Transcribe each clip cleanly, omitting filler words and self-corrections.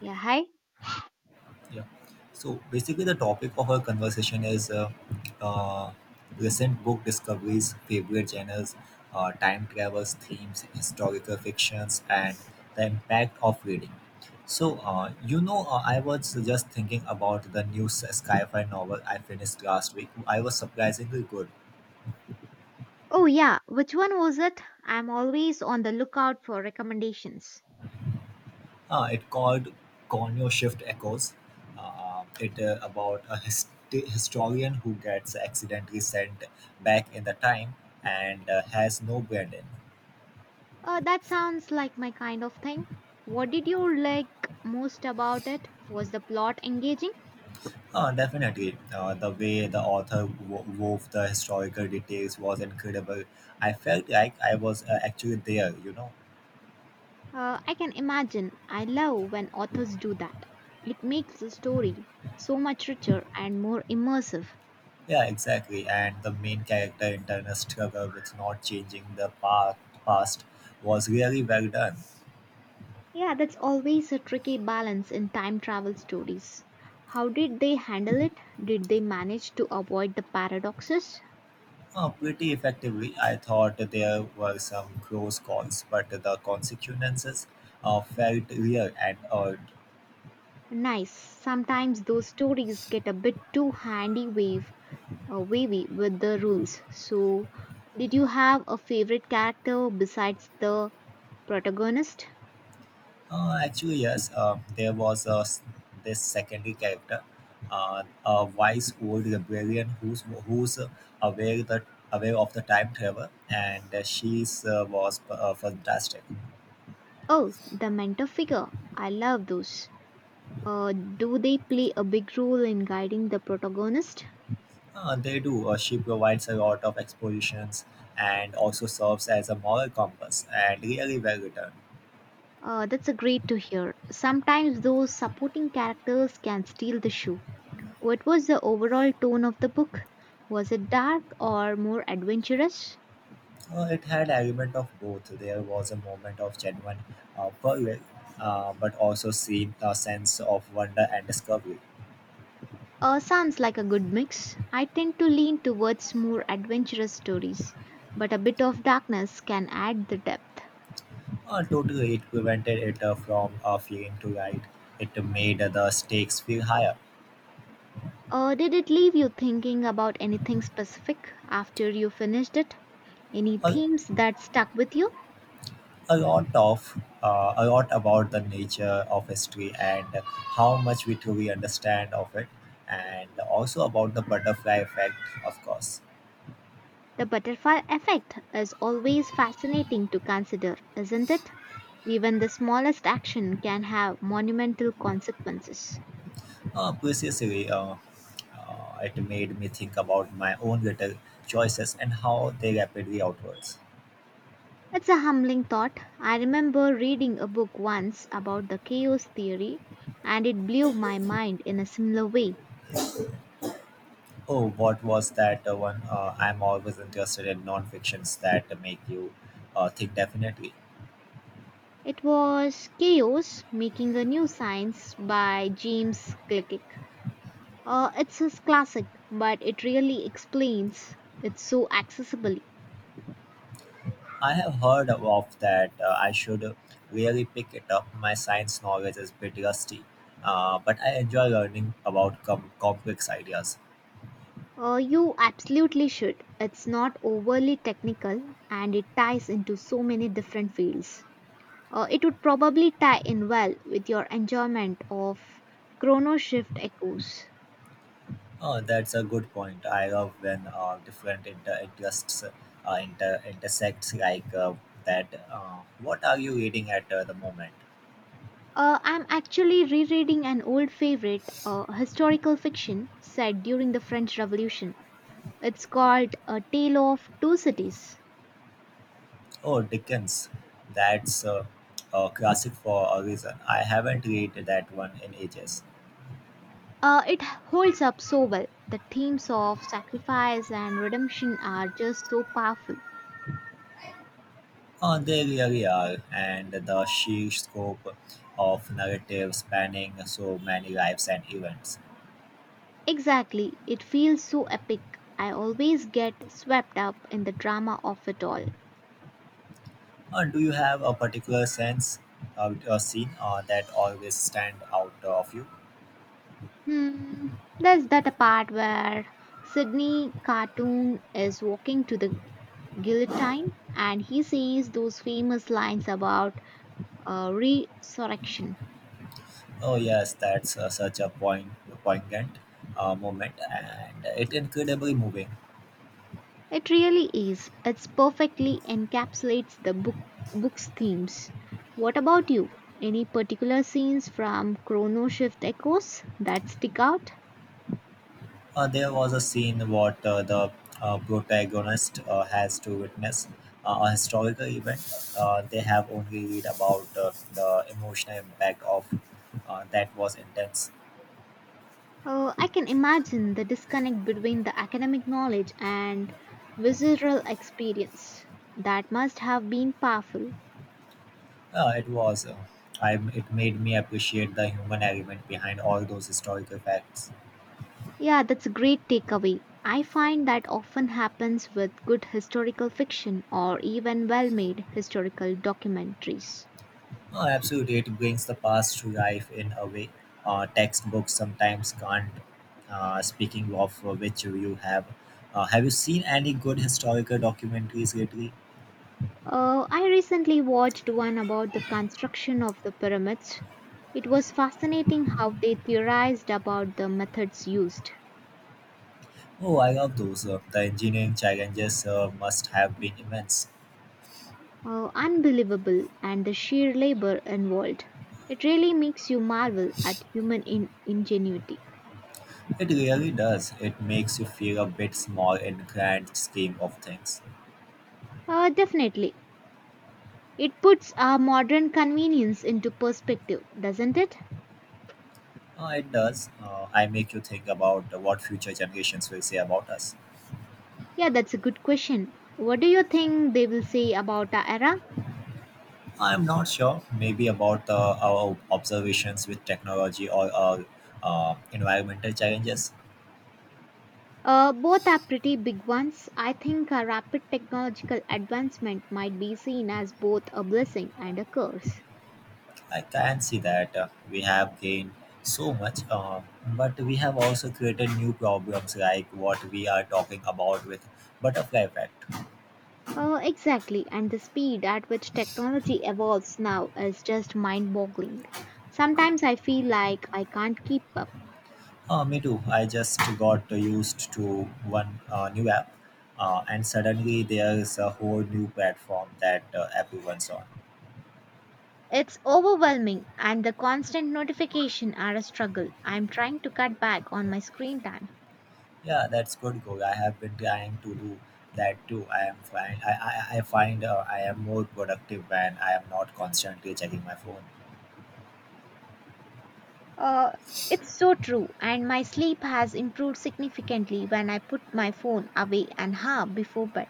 Yeah, hi. Yeah. So basically, the topic of our conversation is uh, recent book discoveries, favorite genres, time travels, themes, historical fictions, and the impact of reading. So, I was just thinking about the new sci fi novel I finished last week. I was surprisingly good. Oh, yeah. Which one was it? I'm always on the lookout for recommendations. It called Cognio Shift Echoes. It about a historian who gets accidentally sent back in the time and has no build in. That sounds like my kind of thing. What did you like most about it? Was the plot engaging? Definitely, the way the author wove the historical details was incredible. I felt like I was actually there, you know. I can imagine. I love when authors do that. It makes the story so much richer and more immersive. Yeah, exactly. And the main character internal struggle with not changing the past was really well done. Yeah, that's always a tricky balance in time travel stories. How did they handle it? Did they manage to avoid the paradoxes? Oh, pretty effectively. I thought there were some close calls, but the consequences felt real and odd. Nice. Sometimes those stories get a bit too handy wave wavy with the rules. So, did you have a favorite character besides the protagonist? Actually, yes, there was this secondary character, a wise old librarian who's aware that aware of the time travel, and she's was fantastic. Oh, the mentor figure. I love those. Do they play a big role in guiding the protagonist? They do. She provides a lot of expositions and also serves as a moral compass, and really well written. That's a great to hear. Sometimes those supporting characters can steal the show. What was the overall tone of the book? Was it dark or more adventurous? It had element of both. There was a moment of genuine peril, but also seen a sense of wonder and discovery. Sounds like a good mix. I tend to lean towards more adventurous stories, but a bit of darkness can add the depth. Totally, it prevented it from feeling too light. It made the stakes feel higher. Did it leave you thinking about anything specific after you finished it? Any A, themes that stuck with you? a lot of a lot about the nature of history and how much we truly understand of it, and also about the butterfly effect, of course. The butterfly effect is always fascinating to consider, isn't it? Even the smallest action can have monumental consequences. Uh, precisely, uh, It made me think about my own guitar choices and how they rapidly outwards. It's a humbling thought. I remember reading a book once about the chaos theory and it blew my mind in a similar way. Oh, what was that one? I'm always interested in non-fictions that make you think definitely. It was Chaos Making a New Science by James Clickick. It's his classic, but it really explains it so accessibly. I have heard of that. I should really pick it up. My science knowledge is a bit rusty, but I enjoy learning about complex ideas. You absolutely should. It's not overly technical and it ties into so many different fields. It would probably tie in well with your enjoyment of Chrono Shift Echoes. Oh, that's a good point. I love when different interests intersects like that. What are you reading at the moment? I'm actually rereading an old favorite, historical fiction set during the French Revolution. It's called A Tale of Two Cities. Oh, Dickens. That's a classic for a reason. I haven't read that one in ages. It holds up so well. The themes of sacrifice and redemption are just so powerful. Oh, they really are, and the sheer scope of narrative spanning so many lives and events. Exactly, it feels so epic. I always get swept up in the drama of it all. Do you have a particular sense of a scene that always stand out of you? Hmm, there's that part where Sydney Cartoon is walking to the guillotine and he says those famous lines about resurrection. Oh yes, that's such a poignant moment, and it incredibly moving. It really is. It's perfectly encapsulates the book's themes. What about you? Any particular scenes from Chrono Shift Echoes that stick out? There was a scene what the protagonist has to witness a historical event. They have only read about the emotional impact of that was intense. I can imagine the disconnect between the academic knowledge and visceral experience. That must have been powerful. It was. It made me appreciate the human element behind all those historical facts. Yeah, that's a great takeaway. I find that often happens with good historical fiction or even well made historical documentaries. Oh, absolutely. It brings the past to life in a way. Textbooks sometimes can't. Speaking of which you have, Have you seen any good historical documentaries lately? I recently watched one about the construction of the pyramids. It was fascinating how they theorized about the methods used. Oh, I love those. The engineering challenges must have been immense. Unbelievable and the sheer labor involved. It really makes you marvel at human ingenuity. It really does. It makes you feel a bit small in grand scheme of things. Definitely. It puts our modern convenience into perspective, doesn't it? It does. I make you think about what future generations will say about us. Yeah, that's a good question. What do you think they will say about our era? I'm not sure. Maybe about the our observations with technology or environmental challenges. Both are pretty big ones. I think a rapid technological advancement might be seen as both a blessing and a curse. I can see that we have gained so much, but we have also created new problems like what we are talking about with butterfly effect. Exactly, and the speed at which technology evolves now is just mind boggling. Sometimes I feel like I can't keep up. Me too. I just got used to one new app, and suddenly there's a whole new platform that everyone's on. It's overwhelming, and the constant notification are a struggle. I'm trying to cut back on my screen time. Yeah, that's good goal. I have been trying to do that too. I am find I find I am more productive when I am not constantly checking my phone. Uh, it's so true, and my sleep has improved significantly when I put my phone away an hour before bed.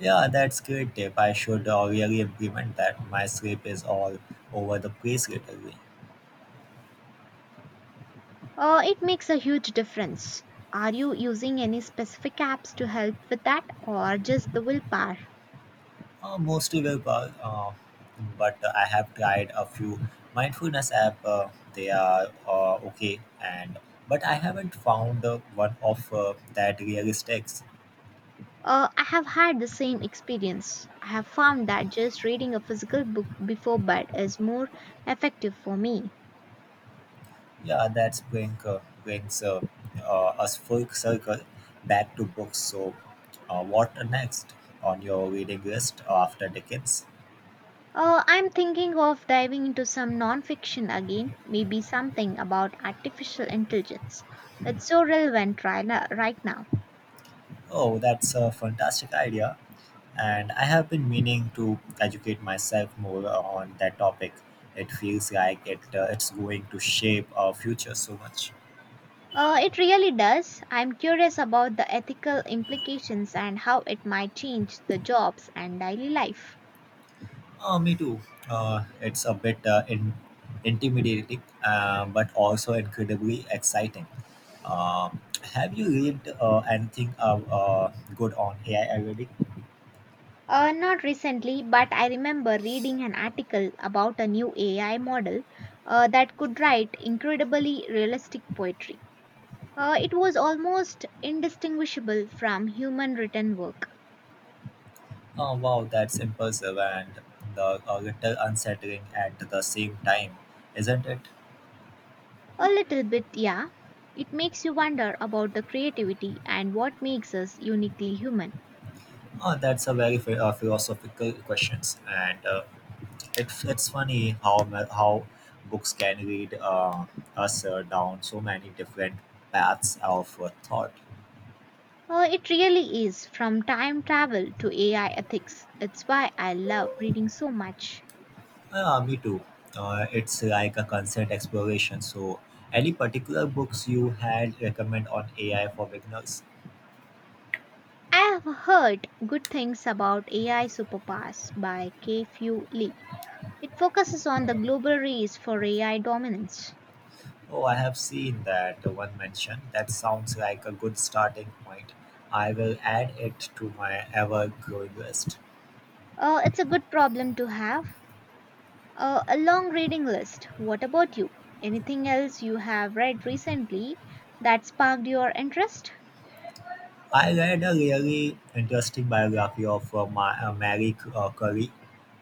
Yeah, that's great tip. I should really implement that. My sleep is all over the place lately. It makes a huge difference. Are you using any specific apps to help with that, or just the willpower? Mostly willpower, but I have tried a few mindfulness app. They are okay, and but I haven't found one of that really sticks. I have had the same experience. I have found that just reading a physical book before bed is more effective for me. Yeah, that's brings us full circle back to books. So, what next on your reading list after Dickens? I'm thinking of diving into some non-fiction again, maybe something about artificial intelligence. It's so relevant right now. Right now. Oh, that's a fantastic idea, and I have been meaning to educate myself more on that topic. It feels like it it's going to shape our future so much. It really does. I'm curious about the ethical implications and how it might change the jobs and daily life. Me too. It's a bit intimidating, but also incredibly exciting. Um, have you read anything good on AI already? Not recently, but I remember reading an article about a new AI model that could write incredibly realistic poetry. It was almost indistinguishable from human written work. Oh, wow, that's impressive and a little unsettling at the same time, isn't it? A little bit, yeah. It makes you wonder about the creativity and what makes us uniquely human. Oh, that's a very philosophical questions, and it's funny how books can lead us down so many different paths of thought. It really is from time travel to AI ethics. It's why I love reading so much. Me too. It's like a constant exploration. So, any particular books you had recommend on AI for beginners? I have heard good things about AI Superpowers by K. Few Lee. It focuses on the global race for AI dominance. Oh, I have seen that one mentioned. That sounds like a good starting point. I will add it to my ever-growing list. It's a good problem to have. A long reading list. What about you? Anything else you have read recently that sparked your interest? I read a really interesting biography of Mary Curie.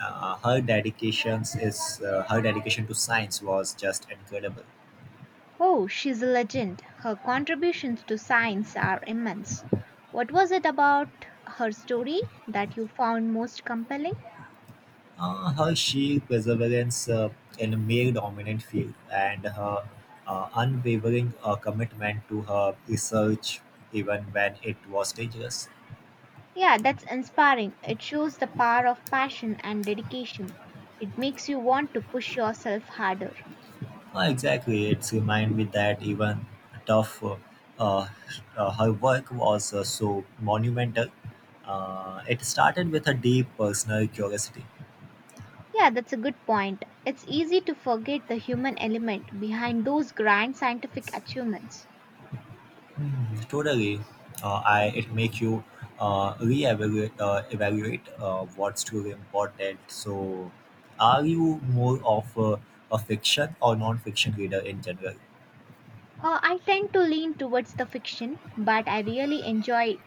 Her dedication to science was just incredible. Oh, she's a legend. Her contributions to science are immense. What was it about her story that you found most compelling? Her sheer perseverance in a male dominant field and her unwavering commitment to her research, even when it was dangerous. Yeah, that's inspiring. It shows the power of passion and dedication. It makes you want to push yourself harder. Exactly, it's remind me that even tough, uh, her work was so monumental. It started with a deep personal curiosity. Yeah, that's a good point. It's easy to forget the human element behind those grand scientific achievements. Mm, totally. I it make you reevaluate evaluate what's truly important. So, are you more of a fiction or non-fiction reader in general? I tend to lean towards the fiction, but I really enjoy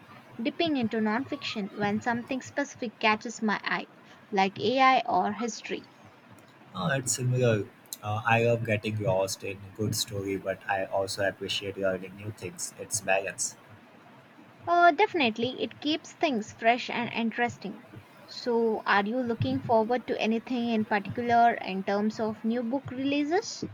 dipping into nonfiction when something specific catches my eye, like AI or history. It's similar. I love getting lost in good story, but I also appreciate learning new things. It's balance. Definitely, it keeps things fresh and interesting. So, are you looking forward to anything in particular in terms of new book releases?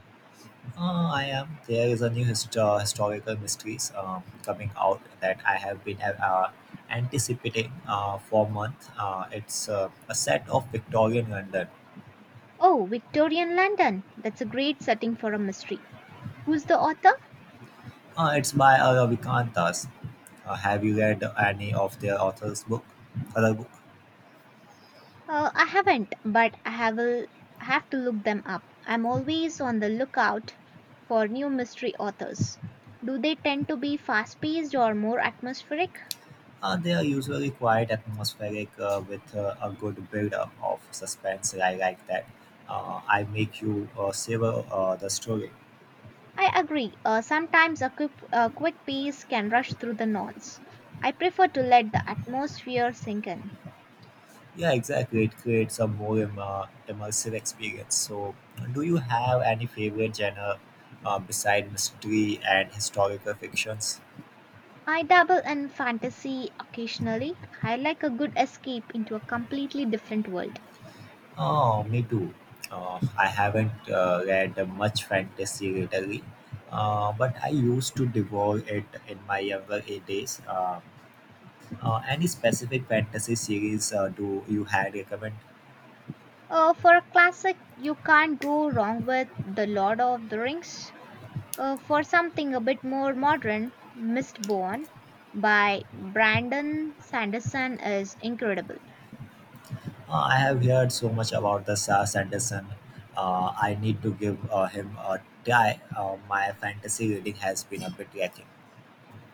I am. There is a new historical mysteries coming out that I have been anticipating for months. It's a set of Victorian London. Oh, Victorian London. That's a great setting for a mystery. Who's the author? It's by Vikantas. Have you read any of their author's book? Other book? I haven't, but I have will have to look them up. I'm always on the lookout for new mystery authors. Do they tend to be fast paced or more atmospheric? They are usually quite atmospheric with a good build-up of suspense. I like that. I make you savor the story. I agree. Sometimes a quick piece can rush through the knots. I prefer to let the atmosphere sink in. Yeah, exactly. It creates a more immersive experience. So, do you have any favorite genre beside mystery and historical fictions? I dabble in fantasy occasionally. I like a good escape into a completely different world. Oh, me too. I haven't read much fantasy lately, but I used to devour it in my younger days. Any specific fantasy series do you had recommend? For a classic, you can't go wrong with The Lord of the Rings. For something a bit more modern, Mistborn by Brandon Sanderson is incredible. I have heard so much about the Sa Sanderson. I need to give him a try. My fantasy reading has been a bit lacking.